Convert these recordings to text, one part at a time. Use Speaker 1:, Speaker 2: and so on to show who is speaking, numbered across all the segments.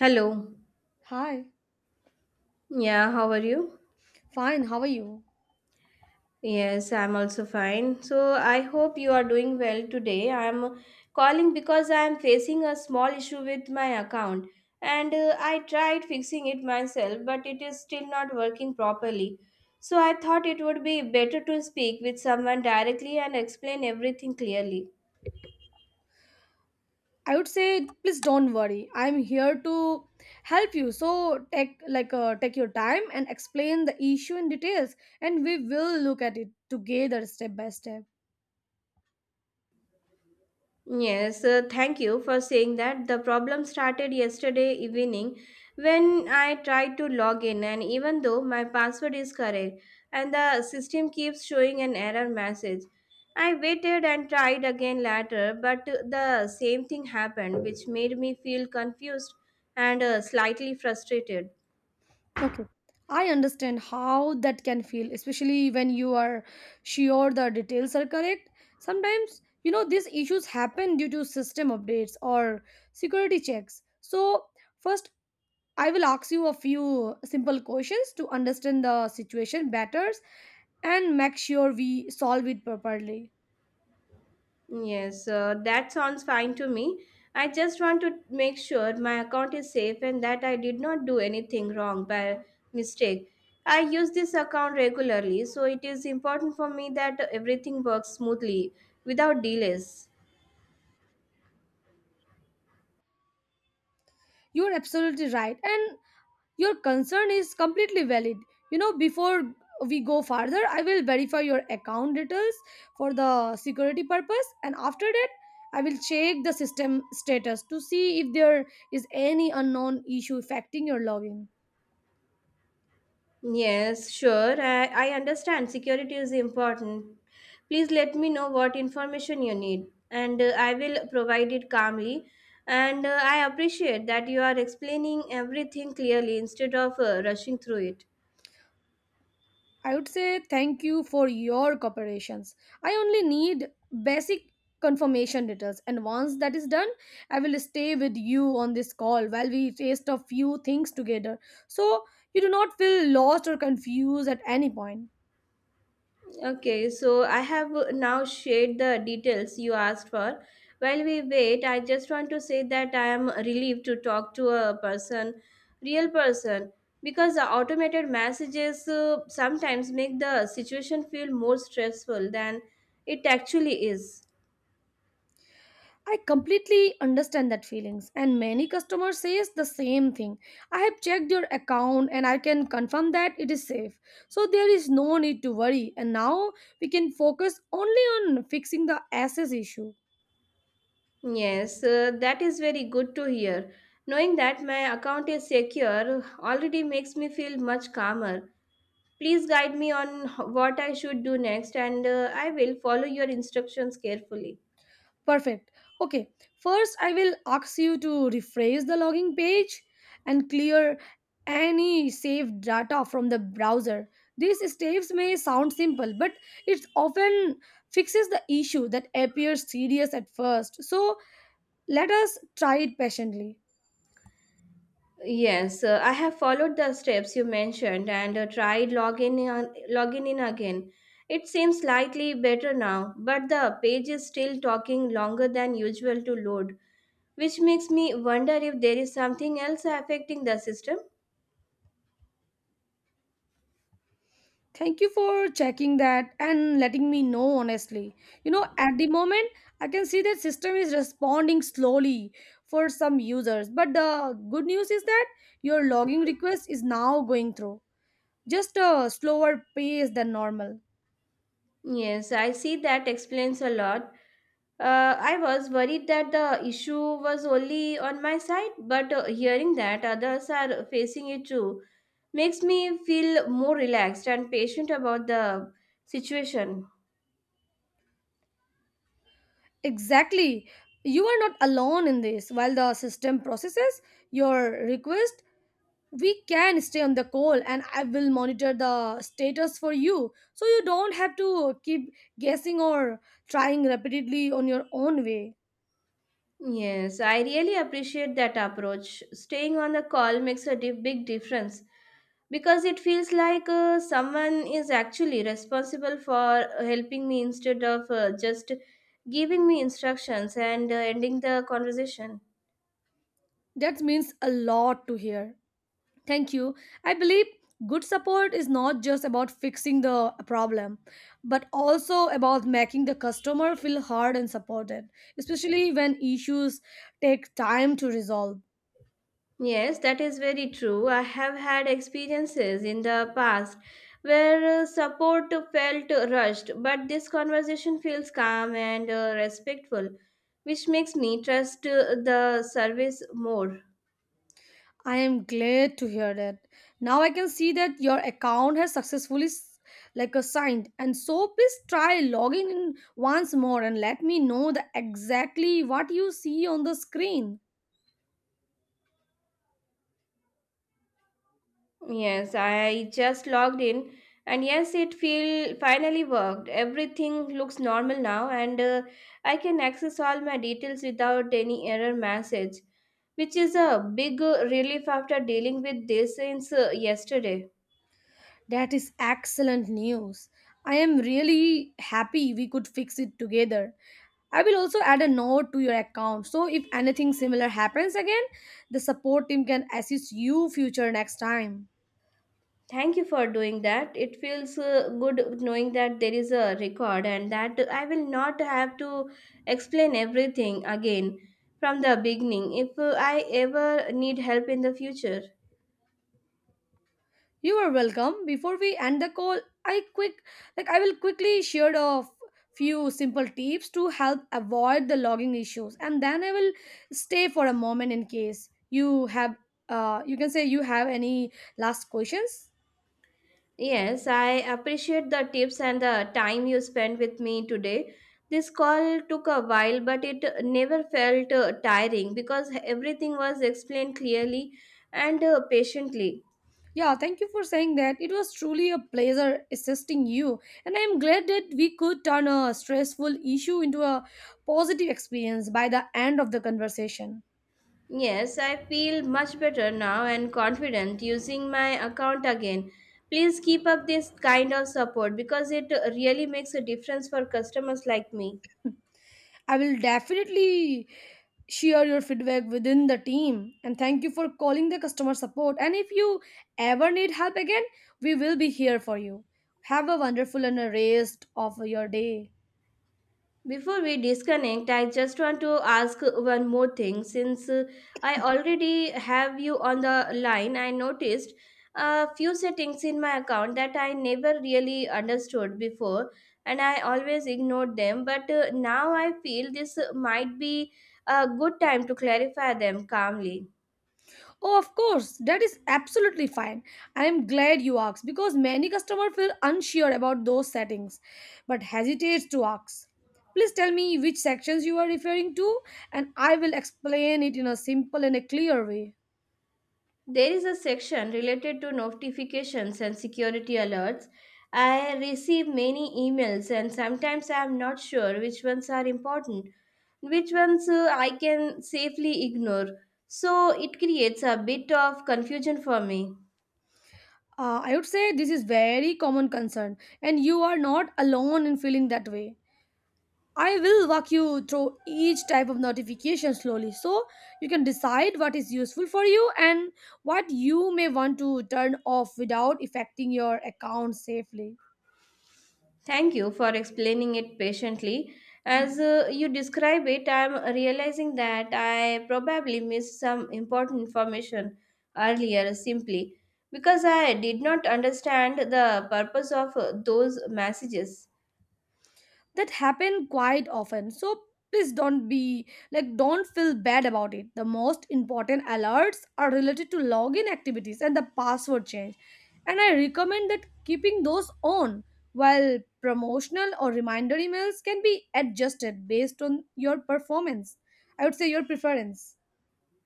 Speaker 1: Hello.
Speaker 2: Hi,
Speaker 1: Yeah, how are you?
Speaker 2: fine, how are you?
Speaker 1: Yes, I'm also fine. So, I hope you are doing well today. I'm calling because I'm facing a small issue with my account and I tried fixing it myself, but it is still not working properly. So, I thought it would be better to speak with someone directly and explain everything clearly.
Speaker 2: I would say please don't worry. I'm here to help you. So take take your time and explain the issue in details, and we will look at it together step by step.
Speaker 1: Yes, thank you for saying that. The problem started yesterday evening when I tried to log in, and even though my password is correct, and the system keeps showing an error message. I waited and tried again later, but the same thing happened, which made me feel confused and slightly frustrated.
Speaker 2: Okay. I understand how that can feel, especially when you are sure the details are correct. Sometimes, you know, these issues happen due to system updates or security checks. So, first I will ask you a few simple questions to understand the situation better and make sure we solve it properly.
Speaker 1: Yes, that sounds fine to me. I just want to make sure my account is safe and that I did not do anything wrong by mistake. I use this account regularly, so it is important for me that everything works smoothly without delays.
Speaker 2: You're absolutely right, and your concern is completely valid. You know, before we go further, I will verify your account details for the security purpose, and after that, I will check the system status to see if there is any unknown issue affecting your login.
Speaker 1: Yes, sure. I understand security is important. Please let me know what information you need, and I will provide it calmly. And I appreciate that you are explaining everything clearly instead of rushing through it.
Speaker 2: I would say thank you for your cooperations. I only need basic confirmation details, and once that is done, I will stay with you on this call while we taste a few things together so you do not feel lost or confused at any point.
Speaker 1: Okay, so I have now shared the details you asked for. While we wait, I just want to say that I am relieved to talk to a person, real person, because the automated messages sometimes make the situation feel more stressful than it actually is.
Speaker 2: I completely understand that feelings, and many customers says the same thing. I have checked your account and I can confirm that it is safe. So there is no need to worry, and now we can focus only on fixing the access issue.
Speaker 1: Yes, that is very good to hear. Knowing that my account is secure already makes me feel much calmer. Please guide me on what I should do next, and I will follow your instructions carefully.
Speaker 2: Perfect. Okay. First, I will ask you to rephrase the login page and clear any saved data from the browser. These steps may sound simple, but it often fixes the issue that appears serious at first. So, let us try it patiently.
Speaker 1: Yes, I have followed the steps you mentioned and tried logging in again. It seems slightly better now, but the page is still talking longer than usual to load, which makes me wonder if there is something else affecting the system.
Speaker 2: Thank you for checking that and letting me know honestly. You know, at the moment, I can see that system is responding slowly for some users. But the good news is that your logging request is now going through. Just a slower pace than normal.
Speaker 1: Yes, I see that explains a lot. I was worried that the issue was only on my side, but hearing that others are facing it too makes me feel more relaxed and patient about the situation.
Speaker 2: Exactly. You are not alone in this. While the system processes your request, we can stay on the call and I will monitor the status for you so you don't have to keep guessing or trying repeatedly on your own way.
Speaker 1: Yes, I really appreciate that approach. Staying on the call makes a big difference because it feels like someone is actually responsible for helping me instead of just giving me instructions and ending the conversation.
Speaker 2: That means a lot to hear. Thank you. I believe good support is not just about fixing the problem, but also about making the customer feel heard and supported, especially when issues take time to resolve.
Speaker 1: Yes, that is very true. I have had experiences in the past where support felt rushed, but this conversation feels calm and respectful, which makes me trust the service more.
Speaker 2: I am glad to hear that. Now I can see that your account has successfully signed, and so please try logging in once more and let me know the exactly what you see on the screen.
Speaker 1: Yes, I just logged in and yes, it feel finally worked. Everything looks normal now and I can access all my details without any error message, which is a big relief after dealing with this since yesterday.
Speaker 2: That is excellent news. I am really happy we could fix it together. I will also add a note to your account so if anything similar happens again, the support team can assist you future next time.
Speaker 1: Thank you for doing that. It feels good knowing that there is a record and that I will not have to explain everything again from the beginning if I ever need help in the future.
Speaker 2: You are welcome. Before we end the call, I quick I will quickly share a few simple tips to help avoid the logging issues, and then I will stay for a moment in case you have you can say you have any last questions.
Speaker 1: Yes, I appreciate the tips and the time you spent with me today. This call took a while, but it never felt tiring because everything was explained clearly and patiently.
Speaker 2: Yeah, thank you for saying that. It was truly a pleasure assisting you, and I'm glad that we could turn a stressful issue into a positive experience by the end of the conversation.
Speaker 1: Yes, I feel much better now and confident using my account again. Please keep up this kind of support because it really makes a difference for customers like me.
Speaker 2: I will definitely share your feedback within the team, and thank you for calling the customer support, and if you ever need help again, we will be here for you. Have a wonderful and a rest of your day.
Speaker 1: Before we disconnect, I just want to ask one more thing. Since I already have you on the line, I noticed a few settings in my account that I never really understood before, and I always ignored them. But now I feel this might be a good time to clarify them calmly.
Speaker 2: Oh, of course, that is absolutely fine. I am glad you asked because many customers feel unsure about those settings but hesitates to ask. Please tell me which sections you are referring to and I will explain it in a simple and a clear way.
Speaker 1: There is a section related to notifications and security alerts. I receive many emails, and sometimes I am not sure which ones are important, which ones I can safely ignore. So it creates a bit of confusion for me.
Speaker 2: I would say this is very common concern, and you are not alone in feeling that way. I will walk you through each type of notification slowly so you can decide what is useful for you and what you may want to turn off without affecting your account safely.
Speaker 1: Thank you for explaining it patiently. As you describe it, I'm realizing that I probably missed some important information earlier simply because I did not understand the purpose of those messages.
Speaker 2: That happen quite often, so please don't be like don't feel bad about it. The most important alerts are related to login activities and the password change, and I recommend that keeping those on, while promotional or reminder emails can be adjusted based on your performance, I would say your preference.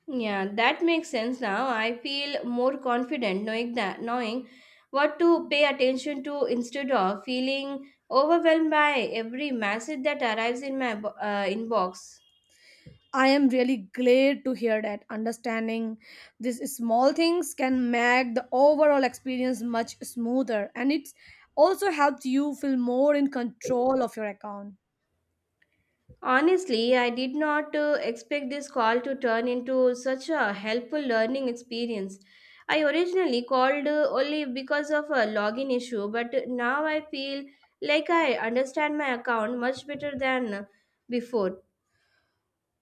Speaker 1: Yeah, that makes sense now. I feel more confident knowing what to pay attention to instead of feeling overwhelmed by every message that arrives in my inbox.
Speaker 2: I am really glad to hear that. Understanding these small things can make the overall experience much smoother, and it also helps you feel more in control of your account.
Speaker 1: Honestly, I did not expect this call to turn into such a helpful learning experience. I originally called only because of a login issue, but now I feel like I understand my account much better than before.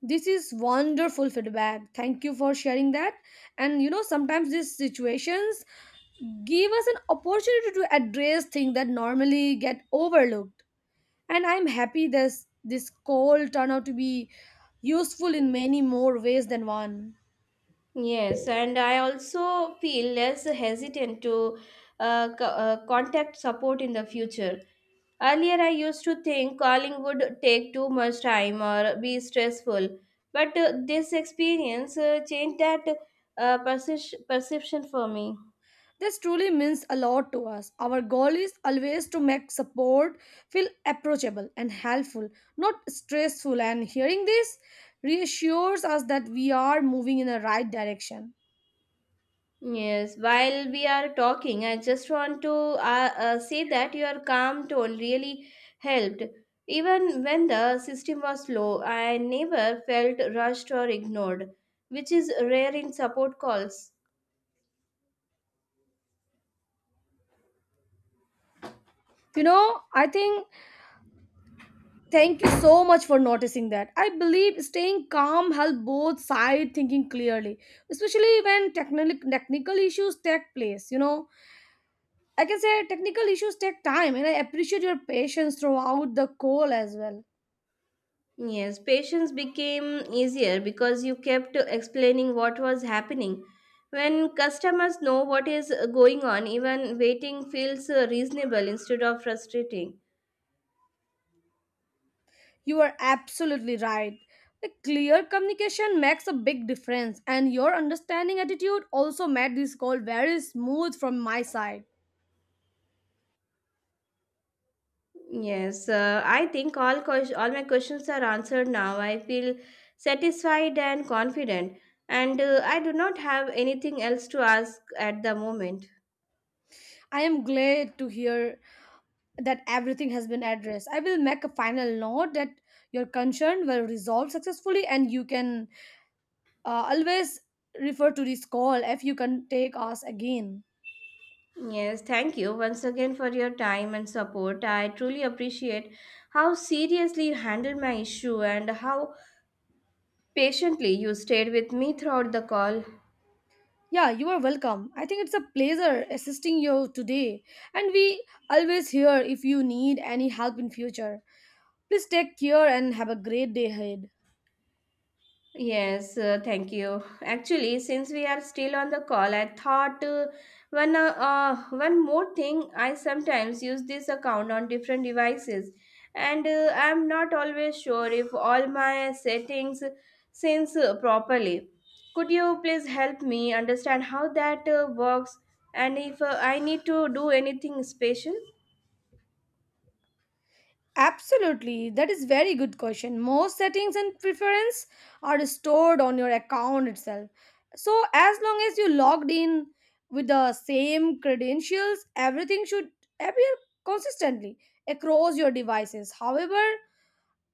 Speaker 2: This is wonderful feedback. Thank you for sharing that. And you know, sometimes these situations give us an opportunity to address things that normally get overlooked. And I'm happy this call turned out to be useful in many more ways than one.
Speaker 1: Yes, and I also feel less hesitant to contact support in the future. Earlier, I used to think calling would take too much time or be stressful, but this experience changed that perception for me.
Speaker 2: This truly means a lot to us. Our goal is always to make support feel approachable and helpful, not stressful. And hearing this reassures us that we are moving in the right direction.
Speaker 1: Yes, while we are talking, I just want to say that your calm tone really helped. Even when the system was slow, I never felt rushed or ignored, which is rare in support calls.
Speaker 2: You know, I think thank you so much for noticing that. I believe staying calm help both side thinking clearly, especially when technical issues take place. You know, I can say technical issues take time, and I appreciate your patience throughout the call as well.
Speaker 1: Yes, patience became easier because you kept explaining what was happening. When customers know what is going on, even waiting feels reasonable instead of frustrating.
Speaker 2: You are absolutely right. A clear communication makes a big difference, and your understanding attitude also made this call very smooth from my side.
Speaker 1: Yes, I think all my questions are answered now. I feel satisfied and confident, and I do not have anything else to ask at the moment.
Speaker 2: I am glad to hear that everything has been addressed. I will make a final note that your concern will resolve successfully, and you can always refer to this call if you can take us again.
Speaker 1: Yes, thank you once again for your time and support. I truly appreciate how seriously you handled my issue and how patiently you stayed with me throughout the call.
Speaker 2: Yeah, you are welcome. I think it's a pleasure assisting you today, and we always here if you need any help in future. Please take care and have a great day ahead.
Speaker 1: Yes, thank you. Actually, since we are still on the call, I thought one more thing. I sometimes use this account on different devices, and I'm not always sure if all my settings syncs properly. Could you please help me understand how that works, and if I need to do anything special?
Speaker 2: Absolutely, that is very good question. Most settings and preference are stored on your account itself. So as long as you logged in with the same credentials, everything should appear consistently across your devices. However,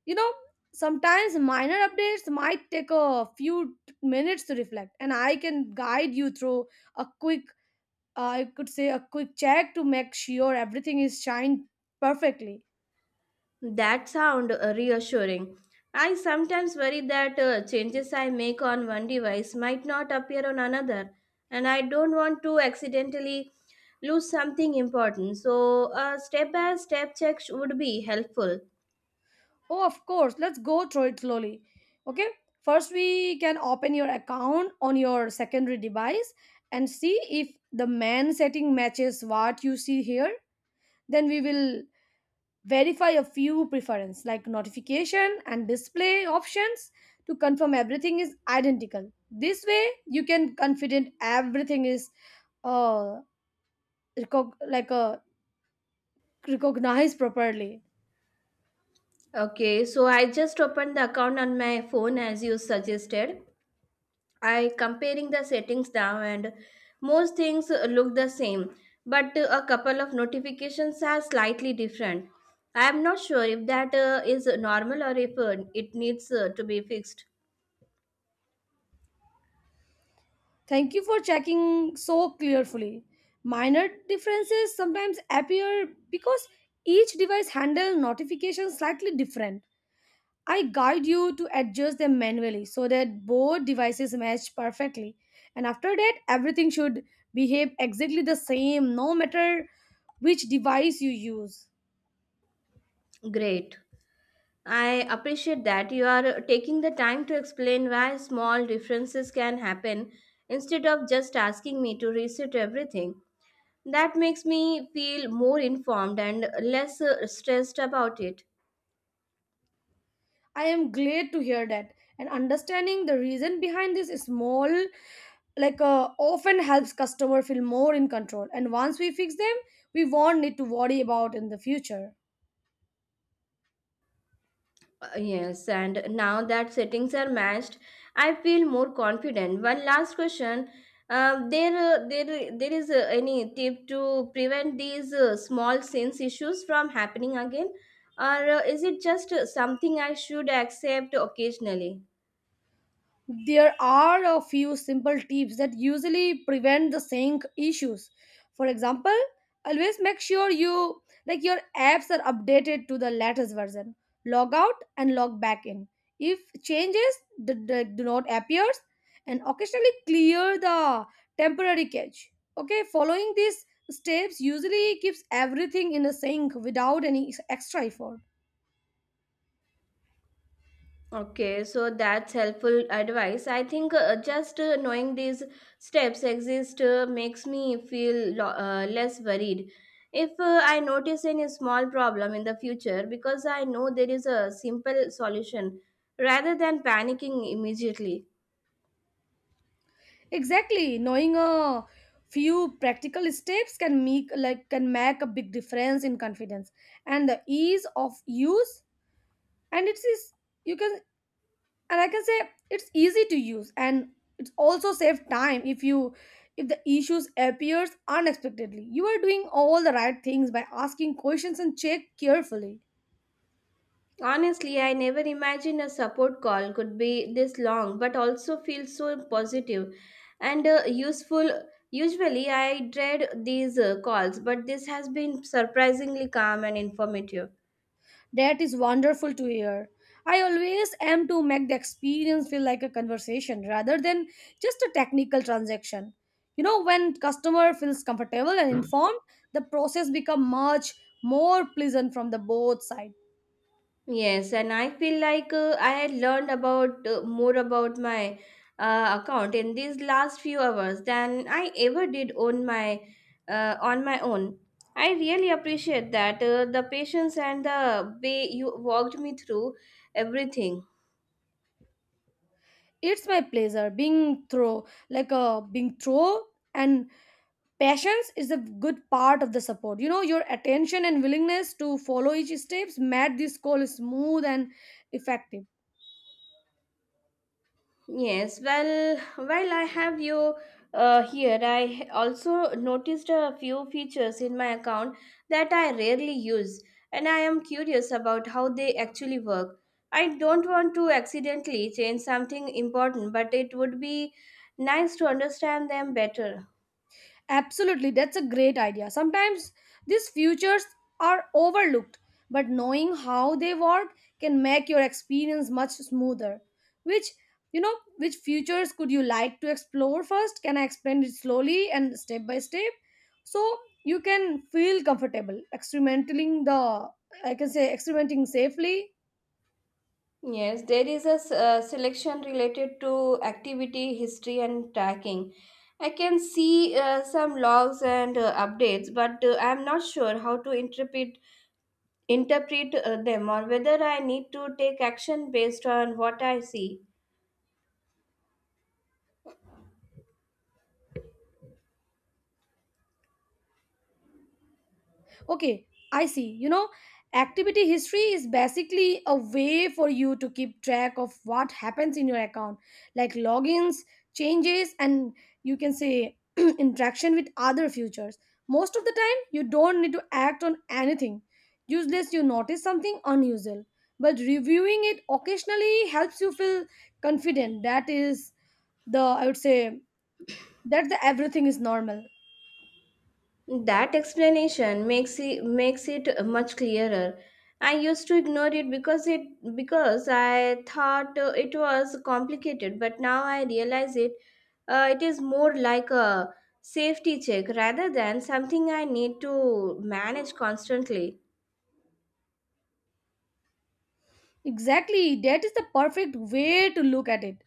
Speaker 2: you know, sometimes minor updates might take a few minutes to reflect, and I can guide you through a quick I could say a quick check to make sure everything is shined perfectly.
Speaker 1: That sound reassuring. I sometimes worry that changes I make on one device might not appear on another, and I don't want to accidentally lose something important. So, a step by step check would be helpful.
Speaker 2: Oh, of course. Let's go through it slowly. Okay. First, we can open your account on your secondary device and see if the man setting matches what you see here. Then we will verify a few preference like notification and display options to confirm everything is identical. This way, you can confident everything is uh, recog- like a recognized properly.
Speaker 1: Okay, so I just opened the account on my phone as you suggested. I comparing the settings now and most things look the same, but a couple of notifications are slightly different. I am not sure if that is normal or if it needs to be fixed.
Speaker 2: Thank you for checking so carefully. Minor differences sometimes appear because each device handles notifications slightly different. I guide you to adjust them manually so that both devices match perfectly. And after that, everything should behave exactly the same no matter which device you use.
Speaker 1: Great. I appreciate that you are taking the time to explain why small differences can happen instead of just asking me to reset everything. That makes me feel more informed and less stressed about it.
Speaker 2: I am glad to hear that. And understanding the reason behind this small like often helps customer feel more in control, and once we fix them, we won't need to worry about in the future.
Speaker 1: Yes, and now that settings are matched, I feel more confident. One last question. There is any tip to prevent these small sins issues from happening again, or is it just something I should accept occasionally?
Speaker 2: There are a few simple tips that usually prevent the sync issues. For example, always make sure your apps are updated to the latest version. Log out and log back in. If changes do not appear, and occasionally clear the temporary cache. Okay, following these steps usually keeps everything in a sync without any extra effort.
Speaker 1: Okay, so that's helpful advice. I think just knowing these steps exist makes me feel less worried. If I notice any small problem in the future, because I know there is a simple solution rather than panicking immediately.
Speaker 2: Exactly. Knowing a few practical steps can make a big difference in confidence and the ease of use, and it is you can and I can say it's easy to use, and it's also save time if you if the issues appears unexpectedly. You are doing all the right things by asking questions and check carefully.
Speaker 1: Honestly, I never imagined a support call could be this long, but also feels so positive and useful. Usually, I dread these calls, but this has been surprisingly calm and informative.
Speaker 2: That is wonderful to hear. I always am to make the experience feel like a conversation rather than just a technical transaction. You know, when customer feels comfortable and informed, the process become much more pleasant from the both side.
Speaker 1: Yes, and I feel like I had learned about more about my account in these last few hours than I ever did on my own. I really appreciate that the patience and the way you walked me through everything.
Speaker 2: It's my pleasure being through, and patience is a good part of the support. You know, your attention and willingness to follow each steps made this call smooth and effective.
Speaker 1: Yes, well, while I have you here, I also noticed a few features in my account that I rarely use, and I am curious about how they actually work. I don't want to accidentally change something important, but it would be nice to understand them better.
Speaker 2: Absolutely, that's a great idea. Sometimes these futures are overlooked, but knowing how they work can make your experience much smoother. Which, you know, which futures could you like to explore first? Can I explain it slowly and step by step? So you can feel comfortable experimenting the I can say experimenting safely.
Speaker 1: Yes, there is a selection related to activity, history, and tracking. I can see some logs and updates, but I'm not sure how to interpret interpret them or whether I need to take action based on what I see.
Speaker 2: Okay, I see. You know, activity history is basically a way for you to keep track of what happens in your account, like logins, changes, and you can say interaction with other futures. Most of the time, you don't need to act on anything, useless you notice something unusual. But reviewing it occasionally helps you feel confident. That is the, I would say, that the everything is normal.
Speaker 1: That explanation makes it much clearer. I used to ignore it because I thought it was complicated, but now I realize it. It is more like a safety check rather than something I need to manage constantly.
Speaker 2: Exactly, that is the perfect way to look at it.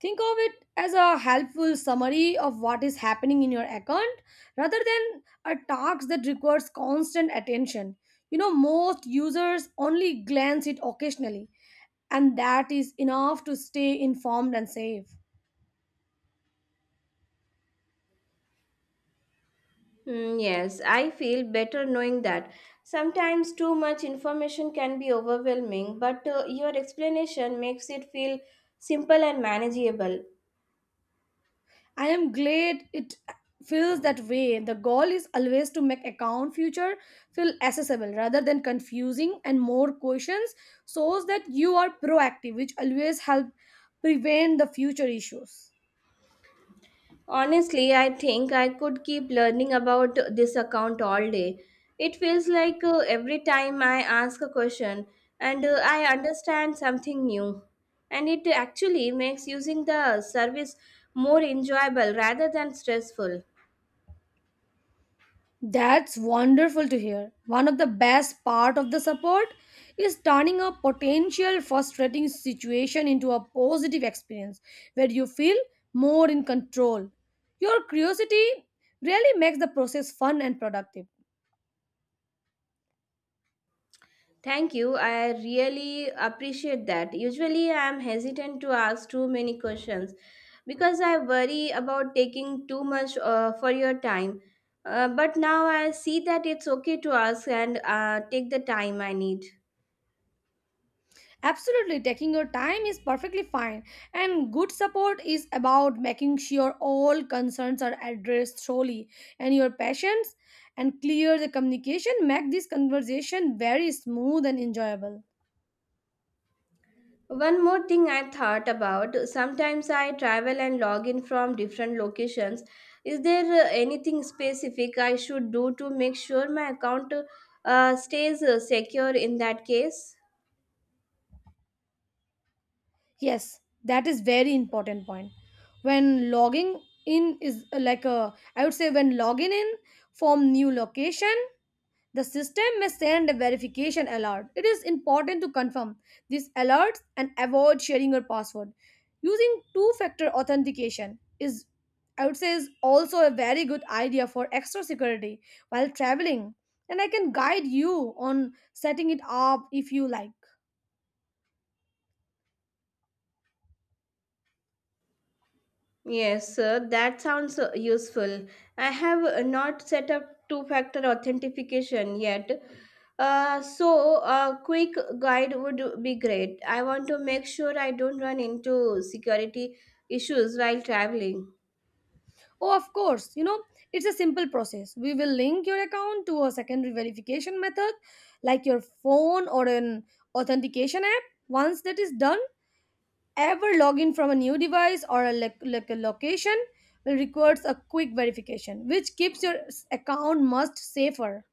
Speaker 2: Think of it as a helpful summary of what is happening in your account rather than a task that requires constant attention. You know, most users only glance it occasionally, and that is enough to stay informed and safe.
Speaker 1: Mm, yes, I feel better knowing that. Sometimes too much information can be overwhelming, but your explanation makes it feel simple and manageable.
Speaker 2: I am glad it feels that way. The goal is always to make account future feel accessible rather than confusing, and more questions so that you are proactive, which always help prevent the future issues.
Speaker 1: Honestly, I think I could keep learning about this account all day. It feels like every time I ask a question and I understand something new. And it actually makes using the service more enjoyable rather than stressful.
Speaker 2: That's wonderful to hear. One of the best part of the support is turning a potential frustrating situation into a positive experience where you feel more in control. Your curiosity really makes the process fun and productive.
Speaker 1: Thank you. I really appreciate that. Usually, I am hesitant to ask too many questions because I worry about taking too much for your time. But now I see that it's okay to ask and take the time I need.
Speaker 2: Absolutely, taking your time is perfectly fine, and good support is about making sure all concerns are addressed thoroughly, and your patience, and clear the communication make this conversation very smooth and enjoyable.
Speaker 1: One more thing I thought about sometimes I travel and log in from different locations. Is there anything specific I should do to make sure my account stays secure in that case?
Speaker 2: Yes, that is very important point. When logging in is like a, I would say when logging in from new location, the system may send a verification alert. It is important to confirm these alerts and avoid sharing your password. Using two-factor authentication is, I would say, is also a very good idea for extra security while traveling. And I can guide you on setting it up if you like.
Speaker 1: Yes, that sounds useful. I have not set up two factor authentication yet. So, a quick guide would be great. I want to make sure I don't run into security issues while traveling.
Speaker 2: Oh, of course. You know, it's a simple process. We will link your account to a secondary verification method like your phone or an authentication app. Once that is done, ever login from a new device or a location will requires a quick verification, which keeps your account much safer.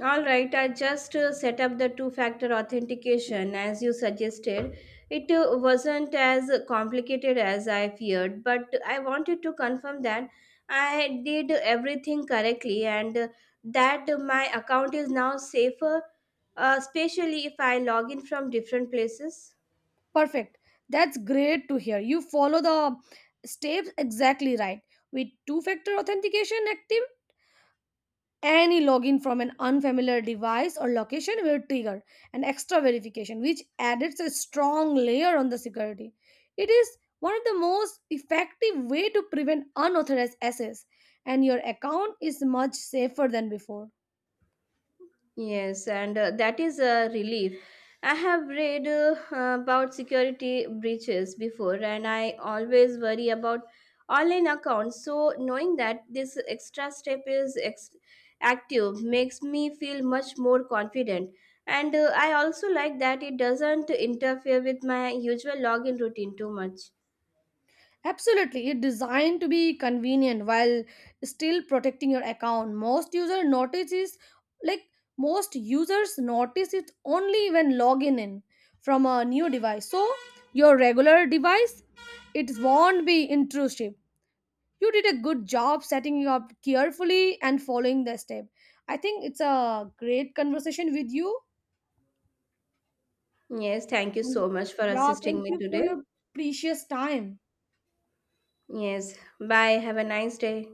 Speaker 1: All right, I just set up the two factor authentication as you suggested. It wasn't as complicated as I feared, but I wanted to confirm that I did everything correctly and that my account is now safer, especially if I log in from different places.
Speaker 2: Perfect. That's great to hear. You follow the steps exactly right. With two factor authentication active, any login from an unfamiliar device or location will trigger an extra verification, which adds a strong layer on the security. It is one of the most effective way to prevent unauthorized access, and your account is much safer than before.
Speaker 1: Yes, and that is a relief. I have read about security breaches before, and I always worry about online accounts. So, knowing that this extra step is active makes me feel much more confident. And I also like that it doesn't interfere with my usual login routine too much.
Speaker 2: Absolutely, it's designed to be convenient while still protecting your account. Like Most users notice it only when logging in from a new device. So your regular device it won't be intrusive. You did a good job setting it up carefully and following the step. I think it's a great conversation with you.
Speaker 1: Yes, thank you
Speaker 2: And
Speaker 1: so much for
Speaker 2: yeah,
Speaker 1: assisting
Speaker 2: thank
Speaker 1: me
Speaker 2: you for
Speaker 1: today.
Speaker 2: your precious time.
Speaker 1: Yes, bye. Have a nice day.